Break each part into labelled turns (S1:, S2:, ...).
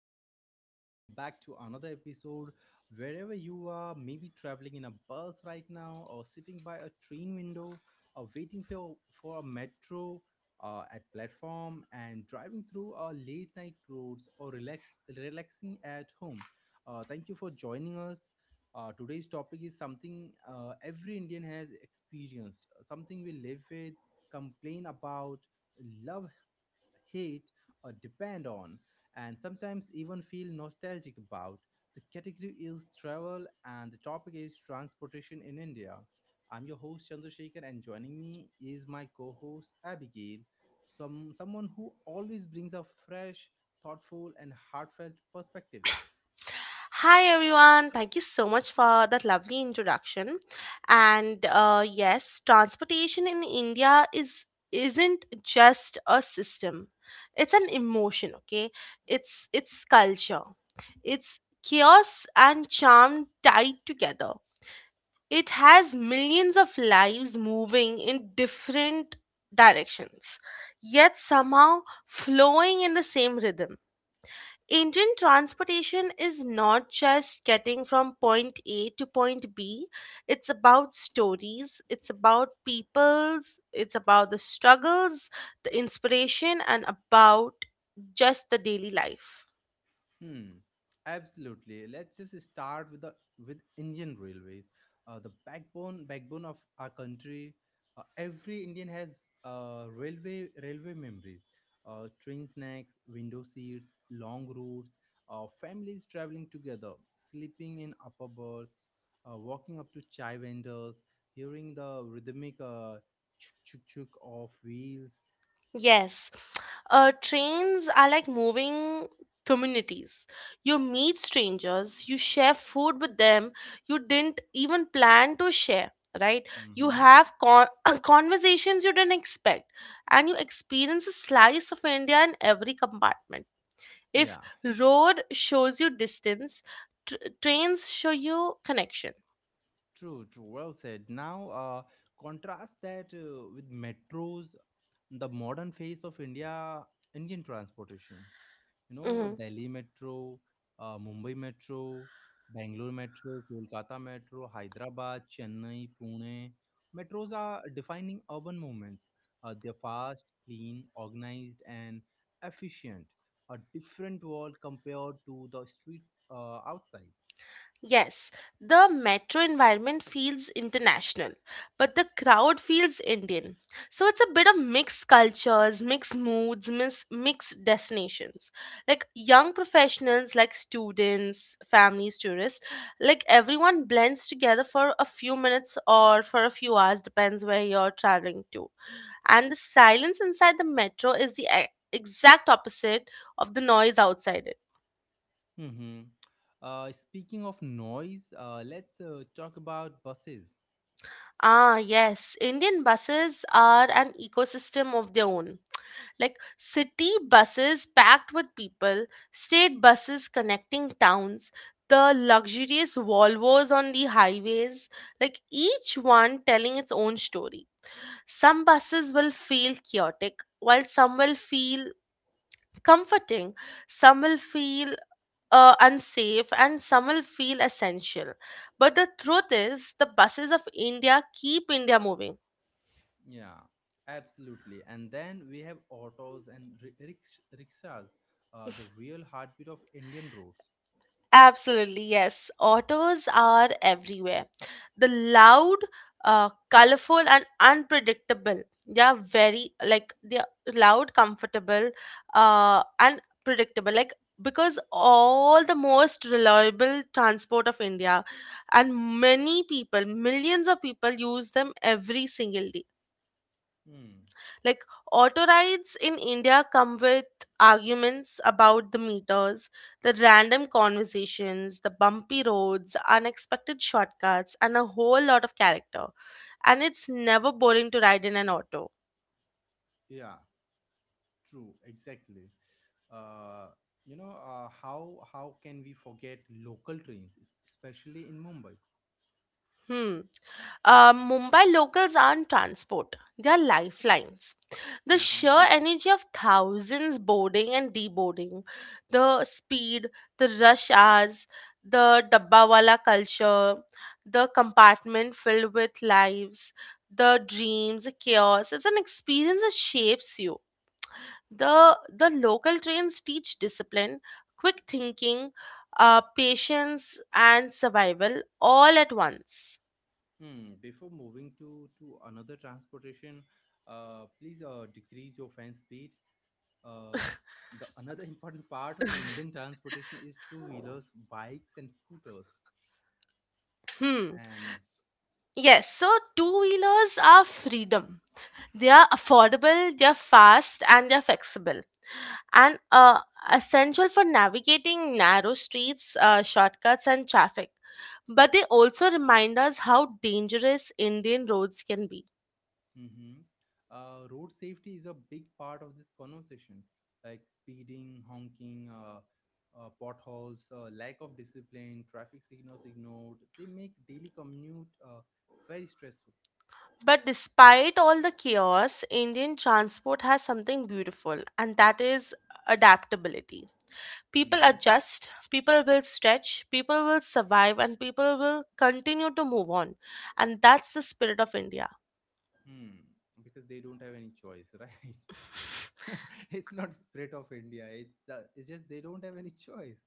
S1: Welcome back. Welcome back to another episode. Wherever you are, maybe traveling in a bus right now, or sitting by a train window, or waiting for a metro at platform, and driving through our late night roads, or relaxing at home. Thank you for joining us. Today's topic is something every Indian has experienced, something we live with, complain about, love hate, or depend on, and sometimes even feel nostalgic about. The category is travel, and the topic is transportation in India. I'm your host Chandrasekhar, and joining me is my co-host Abigail, someone who always brings a fresh, thoughtful, and heartfelt perspectives.
S2: Hi everyone, thank you so much for that lovely introduction. And yes, transportation in India is isn't just a system. It's an emotion, okay? It's culture. It's chaos and charm tied together. It has millions of lives moving in different directions, yet somehow flowing in the same rhythm. Indian transportation is not just getting from point A to point B. It's about stories, it's about peoples, it's about the struggles, the inspiration, and about just the daily life.
S1: Hmm. Absolutely. Let's just start with the with Indian railways, the backbone of our country. Every Indian has railway memories. Train snacks, window seats, long routes, families traveling together, sleeping in upper berths, walking up to chai vendors, hearing the rhythmic chuk chuk chuk of wheels.
S2: Yes. Trains are like moving communities. You meet strangers, you share food with them you didn't even plan to share, right? You
S1: Mm-hmm.
S2: have conversations you didn't expect, and you experience a slice of India in every compartment. If
S1: Yeah,
S2: road shows you distance, tr- trains show you connection.
S1: true, true. Well said. Now, contrast that with metros, the modern face of India, Indian transportation. You know, Delhi Metro, Mumbai Metro, Bangalore Metro, Kolkata Metro, Hyderabad, Chennai, Pune. Metros are defining urban movements. They're fast, clean, organized, and efficient. A different world compared to the street outside.
S2: Yes, the metro environment feels international, but the crowd feels Indian. So it's a bit of mixed cultures, mixed moods, mixed destinations. Like young professionals, like students, families, tourists, like everyone blends together for a few minutes or for a few hours, depends where you're traveling to. And the silence inside the metro is the exact opposite of the noise outside it.
S1: Mm-hmm. Speaking of noise, let's talk about buses.
S2: Ah, yes. Indian buses are an ecosystem of their own. Like city buses packed with people, state buses connecting towns, the luxurious Volvos on the highways, like each one telling its own story. Some buses will feel chaotic, while some will feel comforting, some will feel unsafe, and some will feel essential. But the truth is, the buses of India keep India moving.
S1: Yeah, absolutely. And then we have autos and rickshaws, the real heartbeat of Indian roads.
S2: Absolutely, yes. Otters are everywhere. The loud, colorful, and unpredictable. They are very like they are loud, comfortable, and predictable. Like because all the most reliable transport of India, and many people, millions of people use them every single day
S1: Hmm.
S2: like auto rides in India come with arguments about the meters, the random conversations, the bumpy roads, unexpected shortcuts, and a whole lot of character. And it's never boring to ride in an auto.
S1: Yeah, true, exactly. Uh, you know, how can we forget local trains, especially in Mumbai?
S2: Hmm. Mumbai locals aren't transport, they are lifelines. The
S1: Mm-hmm.
S2: sheer energy of thousands boarding and deboarding, the speed, the rush hours, the dabbawala culture, the compartment filled with lives, the dreams, the chaos, it's an experience that shapes you. The local trains teach discipline, quick thinking, patience, and survival all at once.
S1: Hmm. Before moving to another transportation, please decrease your fan speed. Um, the another important part of Indian transportation is two wheelers, bikes, and scooters.
S2: Hmm.
S1: And
S2: Yes, so two wheelers are freedom. They are affordable, they are fast, and they are flexible. And essential for navigating narrow streets, shortcuts, and traffic. But they also remind us how dangerous Indian roads can be.
S1: mhm. Road safety is a big part of this conversation, like speeding, honking, potholes, lack of discipline, traffic signals ignored. They make daily commute very stressful.
S2: But despite all the chaos, Indian transport has something beautiful, and that is adaptability. People
S1: Mhm.
S2: adjust, people will stretch, people will survive, and people will continue to move on. And that's the spirit of India.
S1: Hmm. Because they don't have any choice, right? It's not spirit of India, it's it's just they don't have any choice.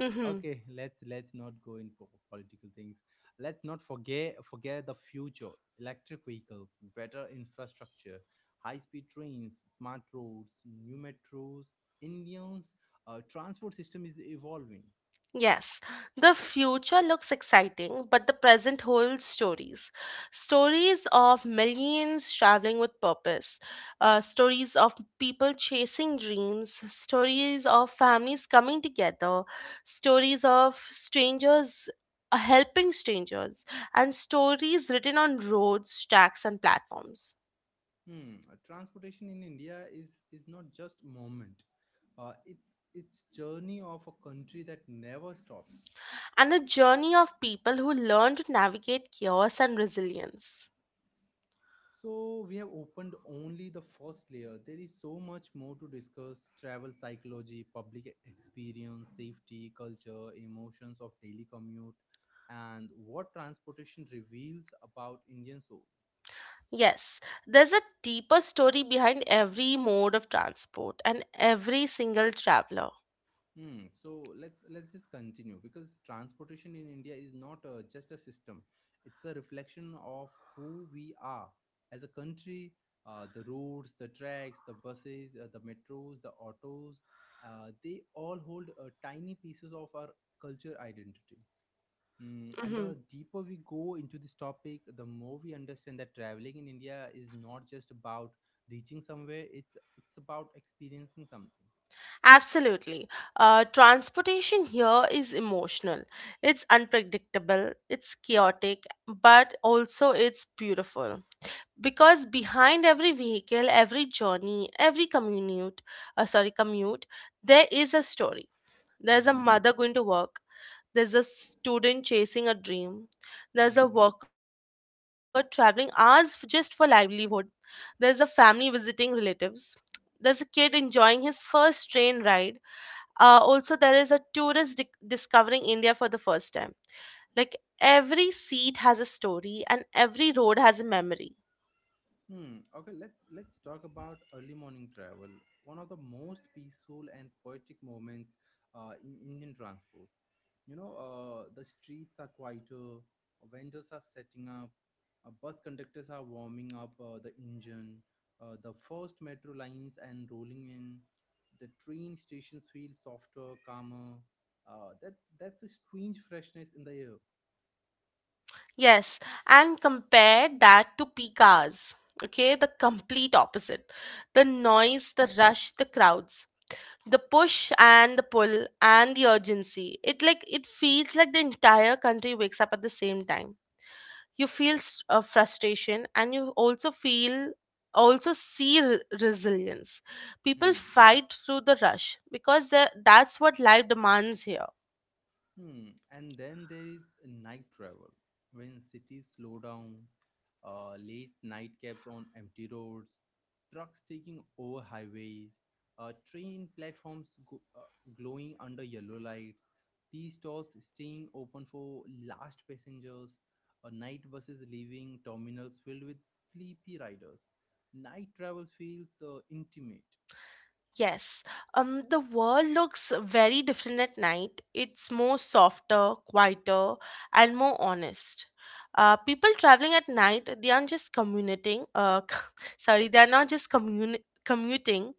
S2: Mhm.
S1: Okay, let's not go in political things. Let's not forget the future. Electric vehicles, better infrastructure, high speed trains, smart roads, new metros. Indian's transport system is evolving.
S2: Yes, the future looks exciting, but the present holds stories. Stories of millions traveling with purpose, stories of people chasing dreams, stories of families coming together, stories of strangers helping strangers, and stories written on roads, tracks, and platforms.
S1: Hmm. Transportation in India is not just moment, it's journey of a country that never stops.
S2: And a journey of people who learn to navigate chaos and resilience.
S1: So, we have opened only the first layer. There is so much more to discuss: travel psychology, public experience, safety, culture, emotions of daily commute, and what transportation reveals about Indian souls.
S2: Yes, there's a deeper story behind every mode of transport and every single traveler.
S1: Hmm. So let's just continue because transportation in India is not just a system; it's a reflection of who we are as a country. The roads, the tracks, the buses, the metros, the autos, they all hold tiny pieces of our culture identity. Mm, and
S2: Mhm.
S1: the deeper we go into this topic, the more we understand that traveling in India is not just about reaching somewhere; it's about experiencing something.
S2: Absolutely. Transportation here is emotional. It's unpredictable, it's chaotic, but also it's beautiful. Because behind every vehicle, every journey, every commute, sorry, commute, there is a story. There's a mother going to work. There's a student chasing a dream. There's a
S1: Mm-hmm.
S2: worker traveling just for livelihood. There's a family visiting relatives. There's a kid enjoying his first train ride. Also, there is a tourist dic discovering India for the first time. Like every seat has a story and every road has a memory.
S1: Hmm. Okay, let's talk about early morning travel. One of the most peaceful and poetic moments in Indian transport. You know, the streets are quieter, vendors are setting up, bus conductors are warming up the engine, the first metro lines and rolling in, the train stations feel softer, calmer. That's a strange freshness in the air.
S2: Yes, and compare that to peak hours. Okay, the complete opposite. The noise, the rush, the crowds, the push and the pull and the urgency, it like it feels like the entire country wakes up at the same time. You feel frustration and you also feel also see re- resilience. People
S1: Hmm.
S2: fight through the rush because that's what life demands here.
S1: Hmm. And then there is night travel. When cities slow down, late night cabs on empty roads, trucks taking over highways, train platforms glowing under yellow lights, tea stalls staying open for last passengers, night buses leaving terminals filled with sleepy riders. Night travel feels intimate.
S2: Yes, the world looks very different at night. It's more softer, quieter, and more honest. People traveling at night, they aren't just commuting. Sorry, they are not just commuting.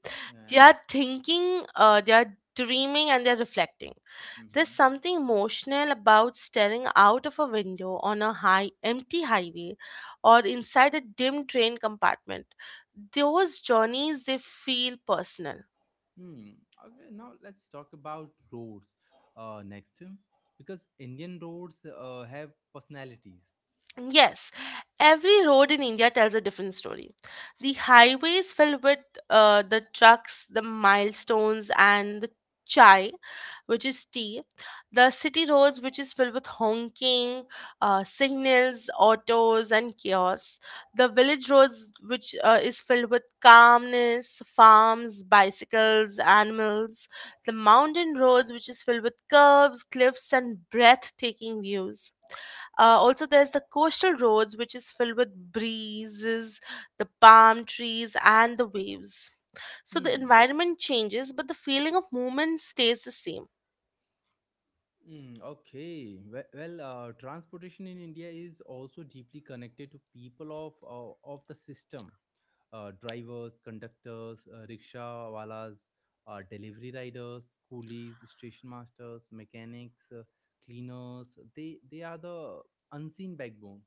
S2: They
S1: Yeah.
S2: are thinking. They are dreaming and they're reflecting. There's
S1: Mm-hmm.
S2: something emotional about staring out of a window on a high, empty highway, or inside a dim train compartment. Those journeys they feel personal.
S1: Hmm. Okay, now let's talk about roads next. Because Indian roads have personalities.
S2: Yes, every road in India tells a different story. The highways filled with the trucks, the milestones, and the chai, which is tea. The city roads, which is filled with honking, signals, autos, and chaos. The village roads, which is filled with calmness, farms, bicycles, animals. The mountain roads, which is filled with curves, cliffs, and breathtaking views. Also, there's the coastal roads, which is filled with breezes, the palm trees, and the waves. So the
S1: Hmm.
S2: environment changes, but the feeling of movement stays the same.
S1: Hmm. Okay. Well, transportation in India is also deeply connected to people of of the system. Drivers, conductors, rickshaw walas, delivery riders, coolies, station masters, mechanics, cleaners. They are the unseen backbone.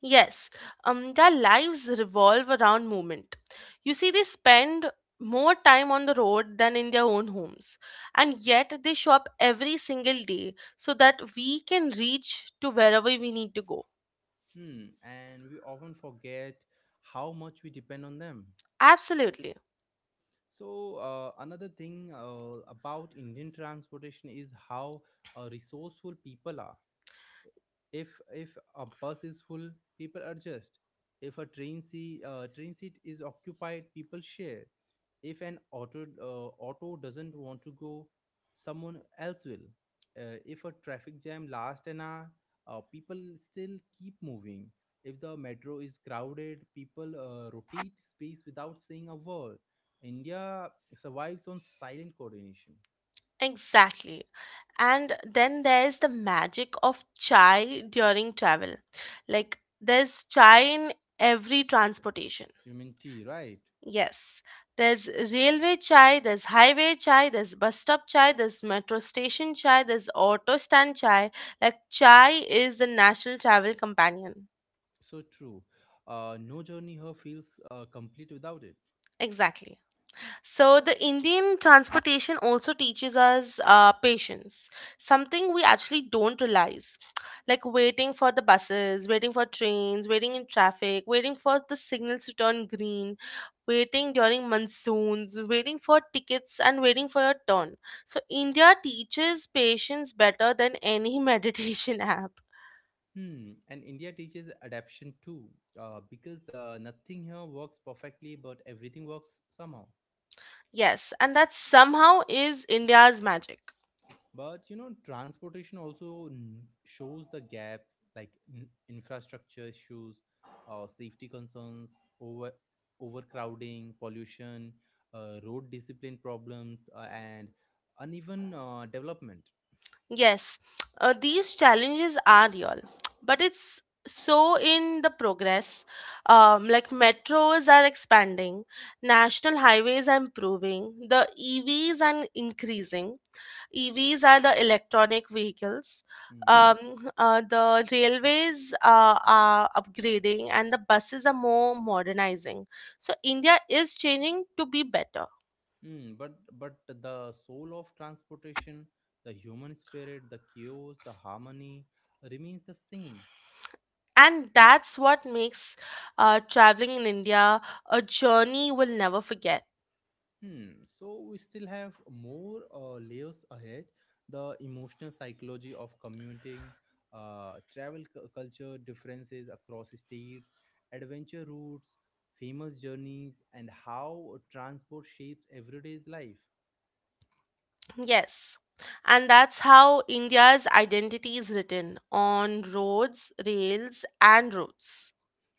S2: Yes, their lives revolve around movement. You see, they spend more time on the road than in their own homes, and yet they show up every single day so that we can reach to wherever we need to go.
S1: Hmm, and we often forget how much we depend on them.
S2: Absolutely.
S1: So, another thing about Indian transportation is how resourceful people are. If a bus is full, people adjust. If a train see train seat is occupied, people share. If an auto auto doesn't want to go, someone else will. If a traffic jam lasts an hour, people still keep moving. If the metro is crowded, people rotate space without saying a word. India survives on silent coordination.
S2: Exactly. And then there's the magic of chai during travel. Like, there's chai in every transportation.
S1: You mean t, right?
S2: Yes. There's railway chai, there's highway chai, there's bus stop chai, there's metro station chai, there's auto stand chai. Like, chai is the national travel companion.
S1: So true. No journey here feels complete without it.
S2: Exactly. So, the Indian transportation also teaches us patience, something we actually don't realize. Like waiting for the buses, waiting for trains, waiting in traffic, waiting for the signals to turn green, waiting during monsoons, waiting for tickets, and waiting for your turn. So, India teaches patience better than any meditation app.
S1: Hmm. And India teaches adaptation too, because nothing here works perfectly, but everything works somehow.
S2: Yes, and that somehow is India's magic.
S1: But you know, transportation also shows the gaps, like infrastructure issues, safety concerns, over overcrowding, pollution, road discipline problems, and uneven development.
S2: Yes, these challenges are real, but it's so in the progress. Like metros are expanding, national highways are improving, the EVs are increasing. EVs are the electronic vehicles.
S1: Mm-hmm.
S2: The railways are upgrading, and the buses are more modernizing. So India is changing to be better.
S1: Mm, but the soul of transportation, the human spirit, the chaos, the harmony remains the same.
S2: And that's what makes traveling in India a journey we'll never forget.
S1: Hmm. So we still have more layers ahead. The emotional psychology of commuting, travel culture differences across states, adventure routes, famous journeys, and how transport shapes everyday life.
S2: Yes. And that's how India's identity is written on roads, rails, and routes.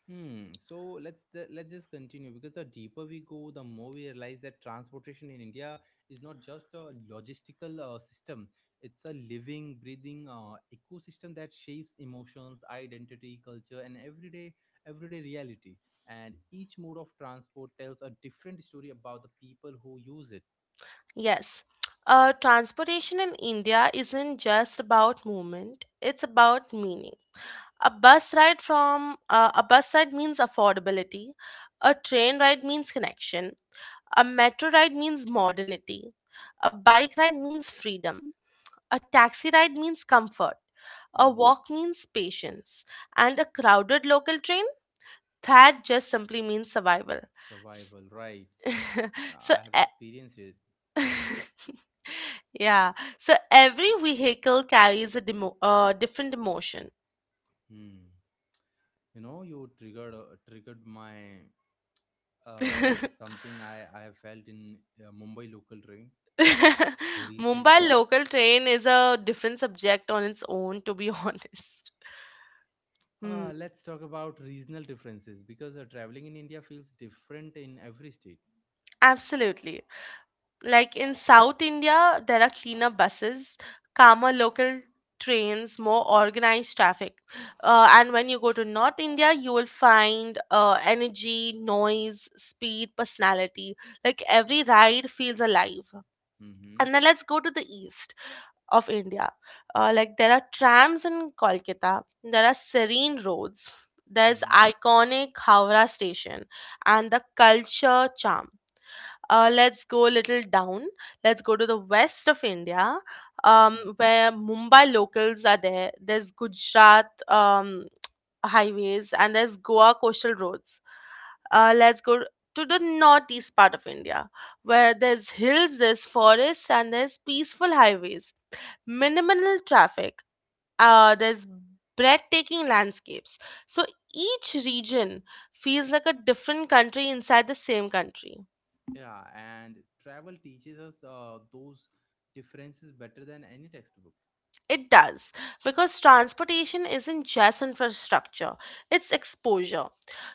S1: Hmm. So let's just continue because the deeper we go, the more we realize that transportation in India is not just a logistical system. It's a living, breathing ecosystem that shapes emotions, identity, culture, and everyday reality. And each mode of transport tells a different story about the people who use it.
S2: Yes. Transportation in India isn't just about movement, it's about meaning. A bus ride means affordability, a train ride means connection, a metro ride means modernity, a bike ride means freedom, a taxi ride means comfort, a
S1: Hmm.
S2: walk means patience, and a crowded local train that just simply means survival. S-
S1: Survival, right?
S2: so,
S1: I have
S2: e-
S1: experienced it.
S2: yeah, so every vehicle carries a different emotion.
S1: Hmm. You know, you triggered my uh, something I, have felt in Mumbai local train
S2: Mumbai
S1: recently.
S2: local train is a different subject on its own, to be honest. Hmm,
S1: Let's talk about regional differences because traveling in India feels different in every state.
S2: absolutely. Like in South India, there are cleaner buses, calmer local trains, more organized traffic. And when you go to North India, you will find energy, noise, speed, personality. Like every ride feels alive.
S1: Hmm.
S2: And then let's go to the east of India. Like there are trams in Kolkata, there are serene roads, there's
S1: Hmm.
S2: iconic Howrah station, and the culture charm. Let's go a little down. Let's go to the west of India,
S1: Hmm.
S2: where Mumbai locals are there. There's Gujarat, highways and there's Goa coastal roads. Let's go to the northeast part of India, where there's hills, there's forests, and there's peaceful highways, minimal traffic. There's breathtaking landscapes. So each region feels like a different country inside the same country.
S1: Yeah, and travel teaches us those differences better than any textbook.
S2: It does, because transportation isn't just infrastructure, it's exposure.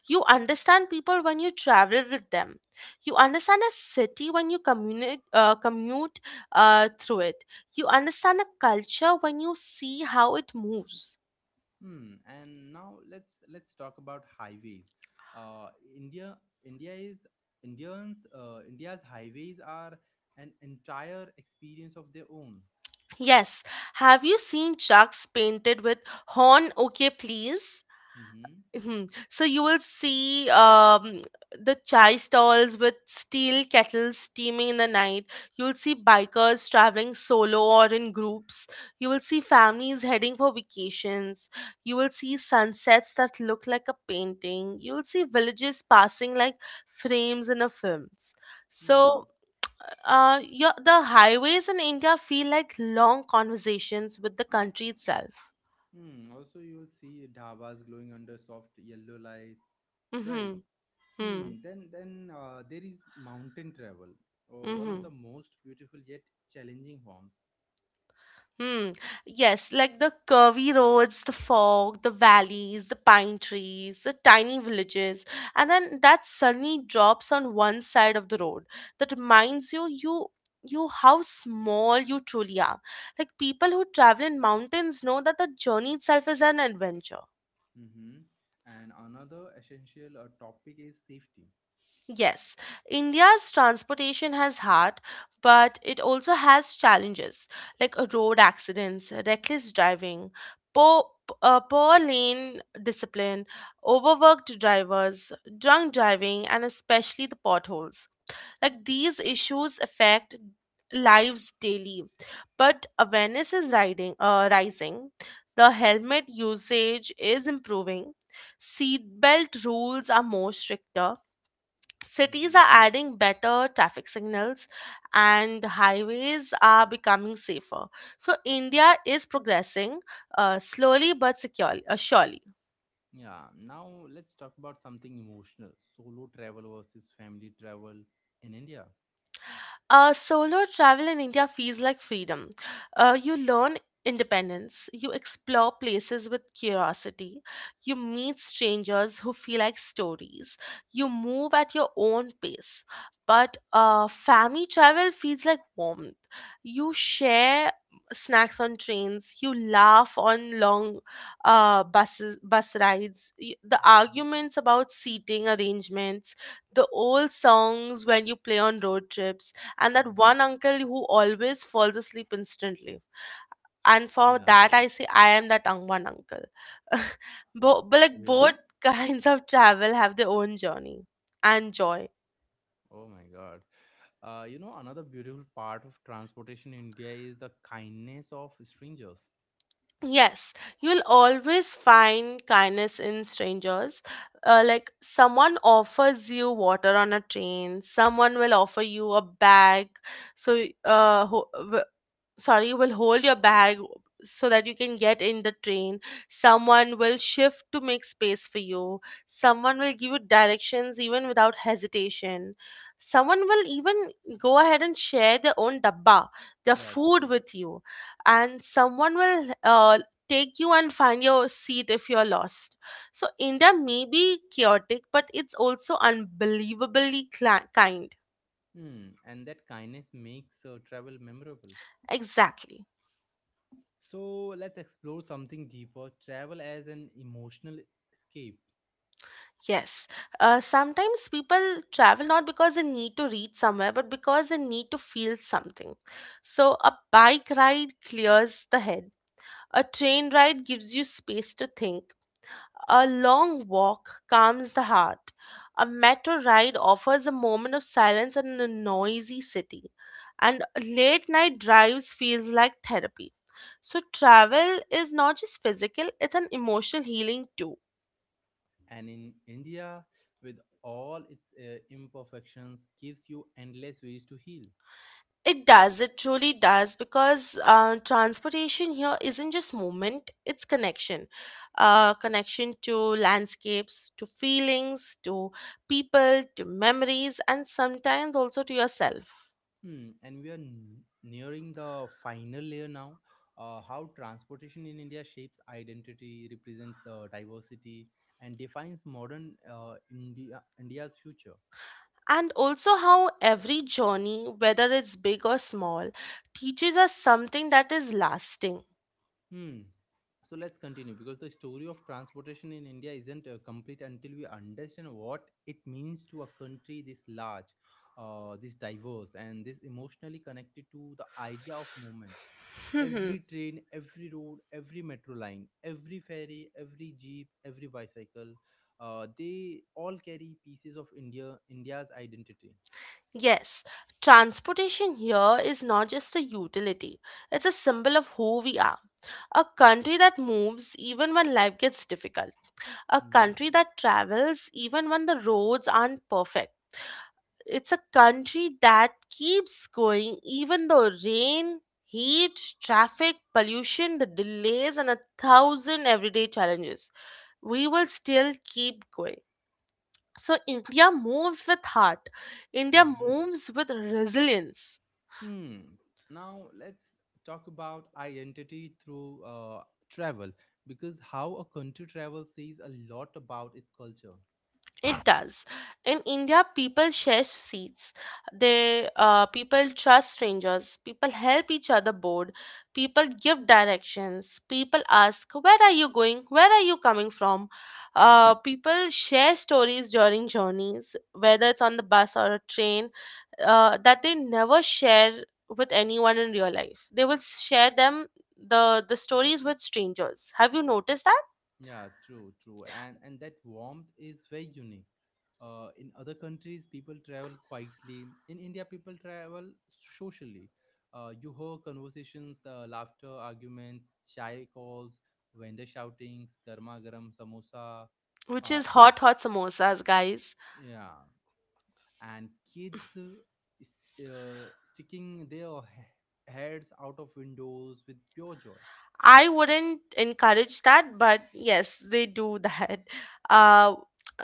S2: You understand people when you travel with them. You understand a city when you commute through it. You understand a culture when you see how it moves.
S1: Hmm. And now let's talk about highways. Uh, India India is Indians India's highways are an entire experience of their own.
S2: Yes, have you seen trucks painted with horn okay please?
S1: Mhm.
S2: Mhm. So you will see the chai stalls with steel kettles steaming in the night. You'll see bikers traveling solo or in groups. You will see families heading for vacations. You will see sunsets that look like a painting. You'll see villages passing like frames in a films.
S1: Hmm.
S2: So the highways in India feel like long conversations with the country itself.
S1: Hmm. Also, you will see dhabas glowing under soft yellow lights. Right.
S2: Mm-hmm.
S1: Hmm. Then, there is mountain travel, one of the
S2: Mm-hmm.
S1: most beautiful yet challenging forms.
S2: Hmm. Yes, like the curvy roads, the fog, the valleys, the pine trees, the tiny villages, and then that sunny drops on one side of the road that reminds you you how small you truly are. Like people who travel in mountains know that the journey itself is an adventure.
S1: Mm-hmm. And another essential topic is safety.
S2: Yes, India's transportation has heart, but it also has challenges like road accidents, reckless driving, poor, poor lane discipline, overworked drivers, drunk driving, and especially the potholes. Like these issues affect lives daily, but awareness is rising. The helmet usage is improving. Seatbelt rules are more stricter. Cities
S1: Mhm.
S2: are adding better traffic signals and highways are becoming safer, so India is progressing, slowly but securely, surely.
S1: Yeah, now let's talk about something emotional, solo travel versus family travel in India.
S2: Solo travel in India feels like freedom. You learn independence, you explore places with curiosity, you meet strangers who feel like stories, you move at your own pace. But family travel feels like warmth. You share snacks on trains, you laugh on long bus rides, the arguments about seating arrangements, the old songs when you play on road trips, and that
S1: Hmm.
S2: one uncle who always falls asleep instantly. And for
S1: Yeah,
S2: that, I say I am that one uncle. But like both
S1: really?
S2: kinds of travel have their own journey and joy.
S1: Oh my God. You know, another beautiful part of transportation in India is the kindness of strangers.
S2: Yes, you will always find kindness in strangers. Like someone offers you water on a train, someone will offer you a bag, so sorry, will hold your bag so that you can get in the train. Someone will shift to make space for you. Someone will give you directions even without hesitation. Someone will even go ahead and share their own dabba, their
S1: Yeah, true.
S2: food, with you. And someone will take you and find your seat if you're lost. So India may be chaotic, but it's also unbelievably cla kind.
S1: Hmm, and that kindness makes travel memorable.
S2: Exactly.
S1: So let's explore something deeper, travel as an emotional escape.
S2: Yes. Sometimes people travel not because they need to reach somewhere, but because they need to feel something. So, a bike ride clears the head, a train ride gives you space to think, a long walk calms the heart, a metro ride offers a moment of silence in a noisy city, and late night drives feels like therapy. So, travel is not just physical, it's an emotional healing too.
S1: And in India, with all its imperfections, gives you endless ways to heal.
S2: It does. It truly does, because transportation here isn't just movement, it's connection. Connection to landscapes, to feelings, to people, to memories, and sometimes also to yourself.
S1: Hmm, and we are nearing the final layer now. How transportation in India shapes identity, represents diversity, and defines modern India's future.
S2: And also, how every journey, whether it's big or small, teaches us something that is lasting.
S1: Hmm. So let's continue because the story of transportation in India isn't complete until we understand what it means to a country this large, this diverse, and this emotionally connected to the idea of movement. Every train, every road, every metro line, every ferry, every jeep, every bicycle, they all carry pieces of India's identity.
S2: Yes, transportation here is not just a utility, it's a symbol of who we are. A country that moves even when life gets difficult, a
S1: Mm-hmm.
S2: country that travels even when the roads aren't perfect. It's a country that keeps going even though rain, heat, traffic, pollution, the delays, and a thousand everyday challenges. We will still keep going. So, India moves with heart, India
S1: Mm-hmm.
S2: moves with resilience.
S1: Hmm. Now let's talk about identity through travel because how a country travels says a lot about its culture.
S2: It does. In India, people share seats. They People trust strangers. People help each other board. People give directions. People ask, "Where are you going? Where are you coming from?"
S1: Hmm.
S2: People share stories during journeys, whether it's on the bus or a train, that they never share with anyone in real life. They will share the the stories with strangers. Have you noticed that?
S1: Yeah, true, true. And that warmth is very unique. In other countries, people travel quietly. In India, people travel socially. You hear conversations, laughter, arguments, chai calls, vendor shoutings, garma garam samosa.
S2: Which
S1: Uh,
S2: is hot hot samosas, guys.
S1: yeah, and kids sticking their heads out of windows with pure joy.
S2: I wouldn't encourage that, but yes, they do that. Uh,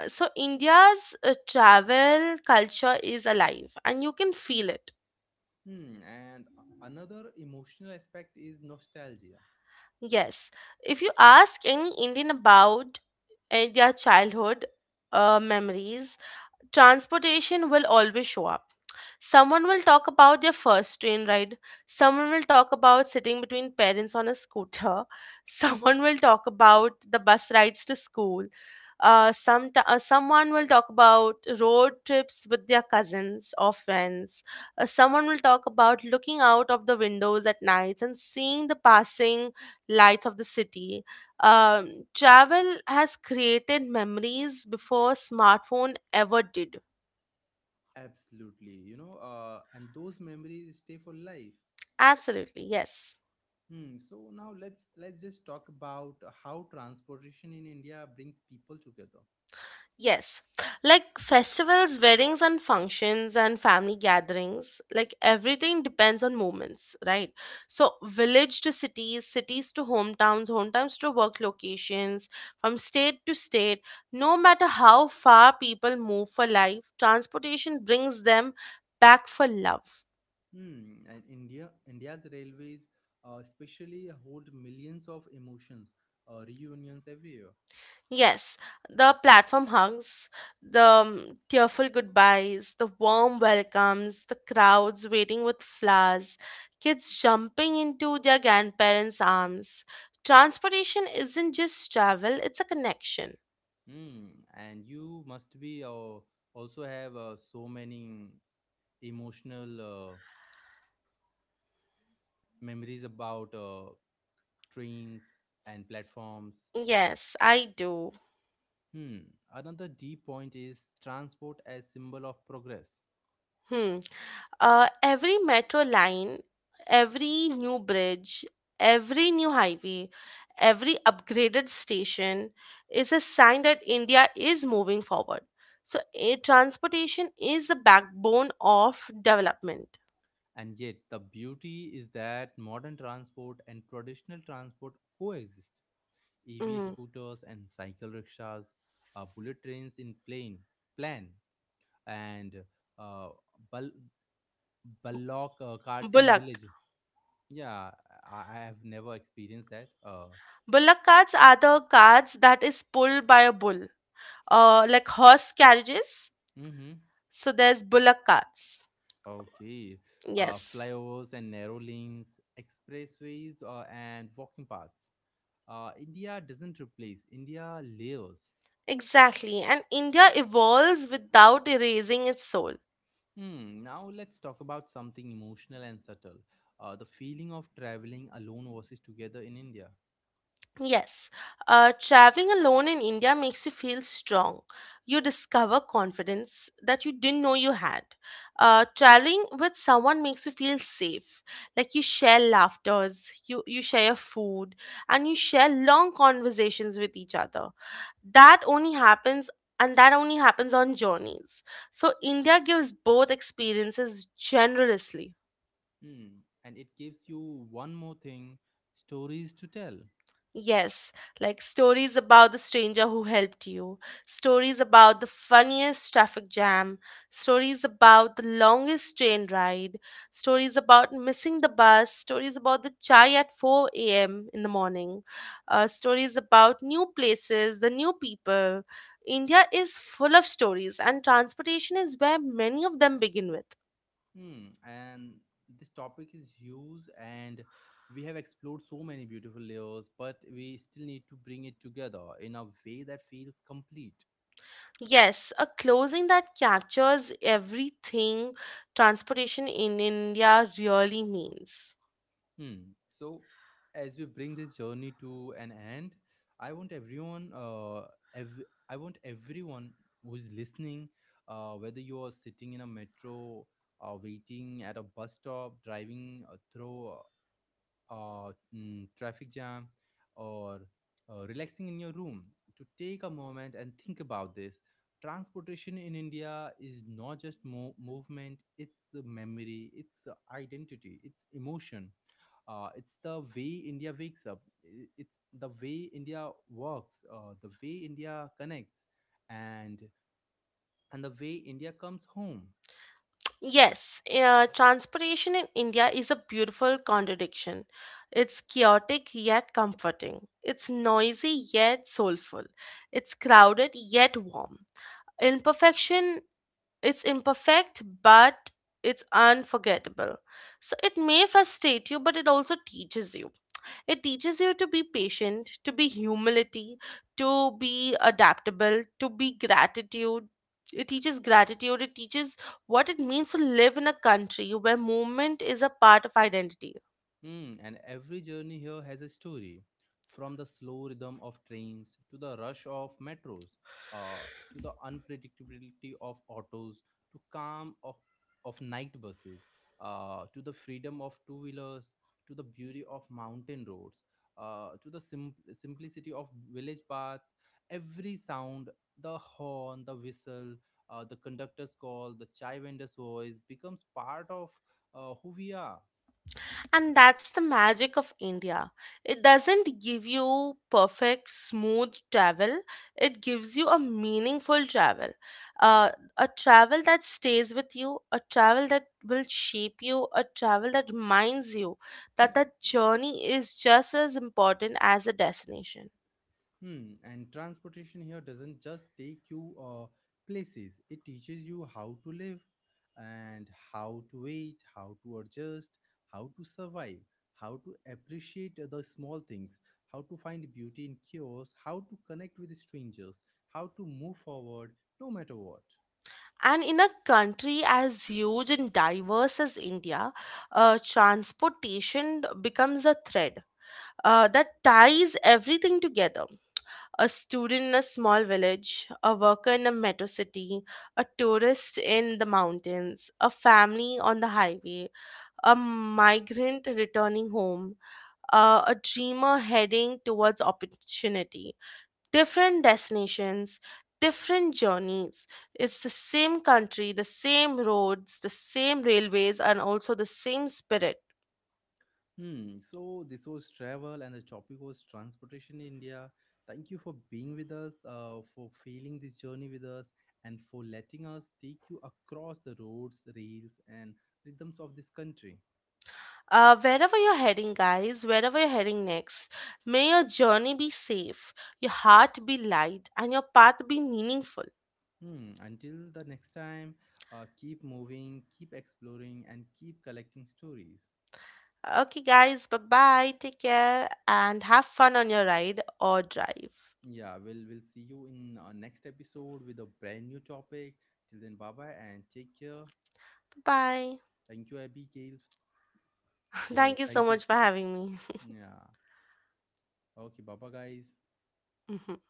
S2: so India's travel culture is alive, and you can feel it.
S1: Hmm, and another emotional aspect is nostalgia.
S2: Yes, if you ask any Indian about their childhood memories, transportation will always show up. Someone will talk about their first train ride. Someone will talk about sitting between parents on a scooter. Someone will talk about the bus rides to school. Someone will talk about road trips with their cousins or friends. Someone will talk about looking out of the windows at nights and seeing the passing lights of the city. Travel has created memories before smartphone ever did.
S1: Absolutely, you know, and those memories stay for life.
S2: Absolutely, yes.
S1: Hmm, so now let's just talk about how transportation in India brings people together.
S2: Yes, like festivals, weddings, and functions, and family gatherings, like everything depends on moments, right? So, village to cities, cities to hometowns, hometowns to work locations, from state to state, no matter how far people move for life, transportation brings them back for love.
S1: Hmm, and India India's railways especially hold millions of emotions, reunions every year.
S2: Yes, the platform hugs, the tearful goodbyes, the warm welcomes, the crowds waiting with flowers, kids jumping into their grandparents' arms. Transportation isn't just travel, it's a connection.
S1: Mm, and you must be also have so many emotional memories about trains and platforms.
S2: Yes, I do.
S1: Hmm. Another deep point is transport as symbol of progress.
S2: Hmm. Every metro line, every new bridge, every new highway, every upgraded station is a sign that India is moving forward. So, transportation is the backbone of development.
S1: And yet the beauty is that modern transport and traditional transport coexist. EV
S2: Mm.
S1: scooters and cycle rickshaws, bullet trains in plane plan, and uh, Ballock carts in
S2: Bullock.
S1: village. Yeah, I have never experienced that.
S2: Bullock carts are the carts that is pulled by a bull, like horse carriages.
S1: Mm-hmm.
S2: So, there's bullock carts.
S1: Okay.
S2: Yes.
S1: Flyovers and narrow lanes, expressways, and walking paths. India doesn't replace, India layers.
S2: Exactly. And India evolves without erasing its soul.
S1: Hmm, now let's talk about something emotional and subtle. The feeling of traveling alone versus together in India.
S2: Yes, traveling alone in India makes you feel strong. You discover confidence that you didn't know you had. Traveling with someone makes you feel safe. Like you share laughters, you share food, and you share long conversations with each other. That only happens, on journeys. So India gives both experiences generously.
S1: Hmm, and it gives you one more thing, stories to tell.
S2: Yes, like stories about the stranger who helped you, stories about the funniest traffic jam, stories about the longest train ride, stories about missing the bus, stories about the chai at 4 a.m. in the morning, stories about new places, the new people. India is full of stories, and transportation is where many of them begin with.
S1: Hmm, and this topic is huge, and we have explored so many beautiful layers, but we still need to bring it together in a way that feels complete.
S2: Yes, a closing that captures everything transportation in India really means.
S1: Hmm. So, as we bring this journey to an end, I want ev- I want everyone who's listening, whether you are sitting in a metro, waiting at a bus stop, driving through mm, traffic jam, or relaxing in your room, to take a moment and think about this. Transportation in India is not just movement, it's a memory, it's a identity, it's emotion. It's the way India wakes up, it's the way India works, the way India connects, and and the way India comes home.
S2: Yes, transportation in India is a beautiful contradiction. It's chaotic yet comforting. It's noisy yet soulful. It's crowded yet warm. Imperfection, it's imperfect but it's unforgettable. So it may frustrate you, but it also teaches you. It teaches you to be patient, to be humility, to be adaptable, to be gratitude. It teaches gratitude. It teaches what it means to live in a country where movement is a part of identity.
S1: Mm, and every journey here has a story, from the slow rhythm of trains to the rush of metros, uh, to the unpredictability of autos, to of night buses, to the freedom of two wheelers, to the beauty of mountain roads, to the simplicity of village paths. Every sound, the horn, the whistle, the conductor's call, the chai vendor's voice becomes part of who we are.
S2: And that's the magic of India. It doesn't give you perfect, smooth travel, it gives you a meaningful travel. Uh, a travel that stays with you, a travel that will shape you, a travel that reminds you that that journey is just as important as the destination.
S1: Hmm, and transportation here doesn't just take you places, it teaches you how to live and how to wait, how to adjust, how to survive, how to appreciate the small things, how to find beauty in chaos, how to connect with strangers, how to move forward no matter what.
S2: And in a country as huge and diverse as India, transportation becomes a thread that ties everything together: a student in a small village, a worker in a metro city, a tourist in the mountains, a family on the highway, a migrant returning home, a dreamer heading towards opportunity. Different destinations, different journeys. It's the same country, the same roads, the same railways, and also the same spirit.
S1: Hmm. So this was travel and the topic was transportation in India. Thank you for being with us, for feeling this journey with us, and for letting us take you across the roads, rails, and rhythms of this country.
S2: Wherever you're heading, guys, wherever you're heading next, may your journey be safe, your heart be light, and your path be meaningful.
S1: Hmm. Until the next time, keep moving, keep exploring, and keep collecting stories.
S2: Okay, guys, bye bye. Take care and have fun on your ride or drive.
S1: Yeah, we'll see you in our next episode with a brand new topic. Till then, bye bye and take care.
S2: Bye bye.
S1: Thank you, Abigail. Oh,
S2: Thank you so
S1: thank you.
S2: much for having me.
S1: Yeah. Okay, bye bye, guys.
S2: Mhm.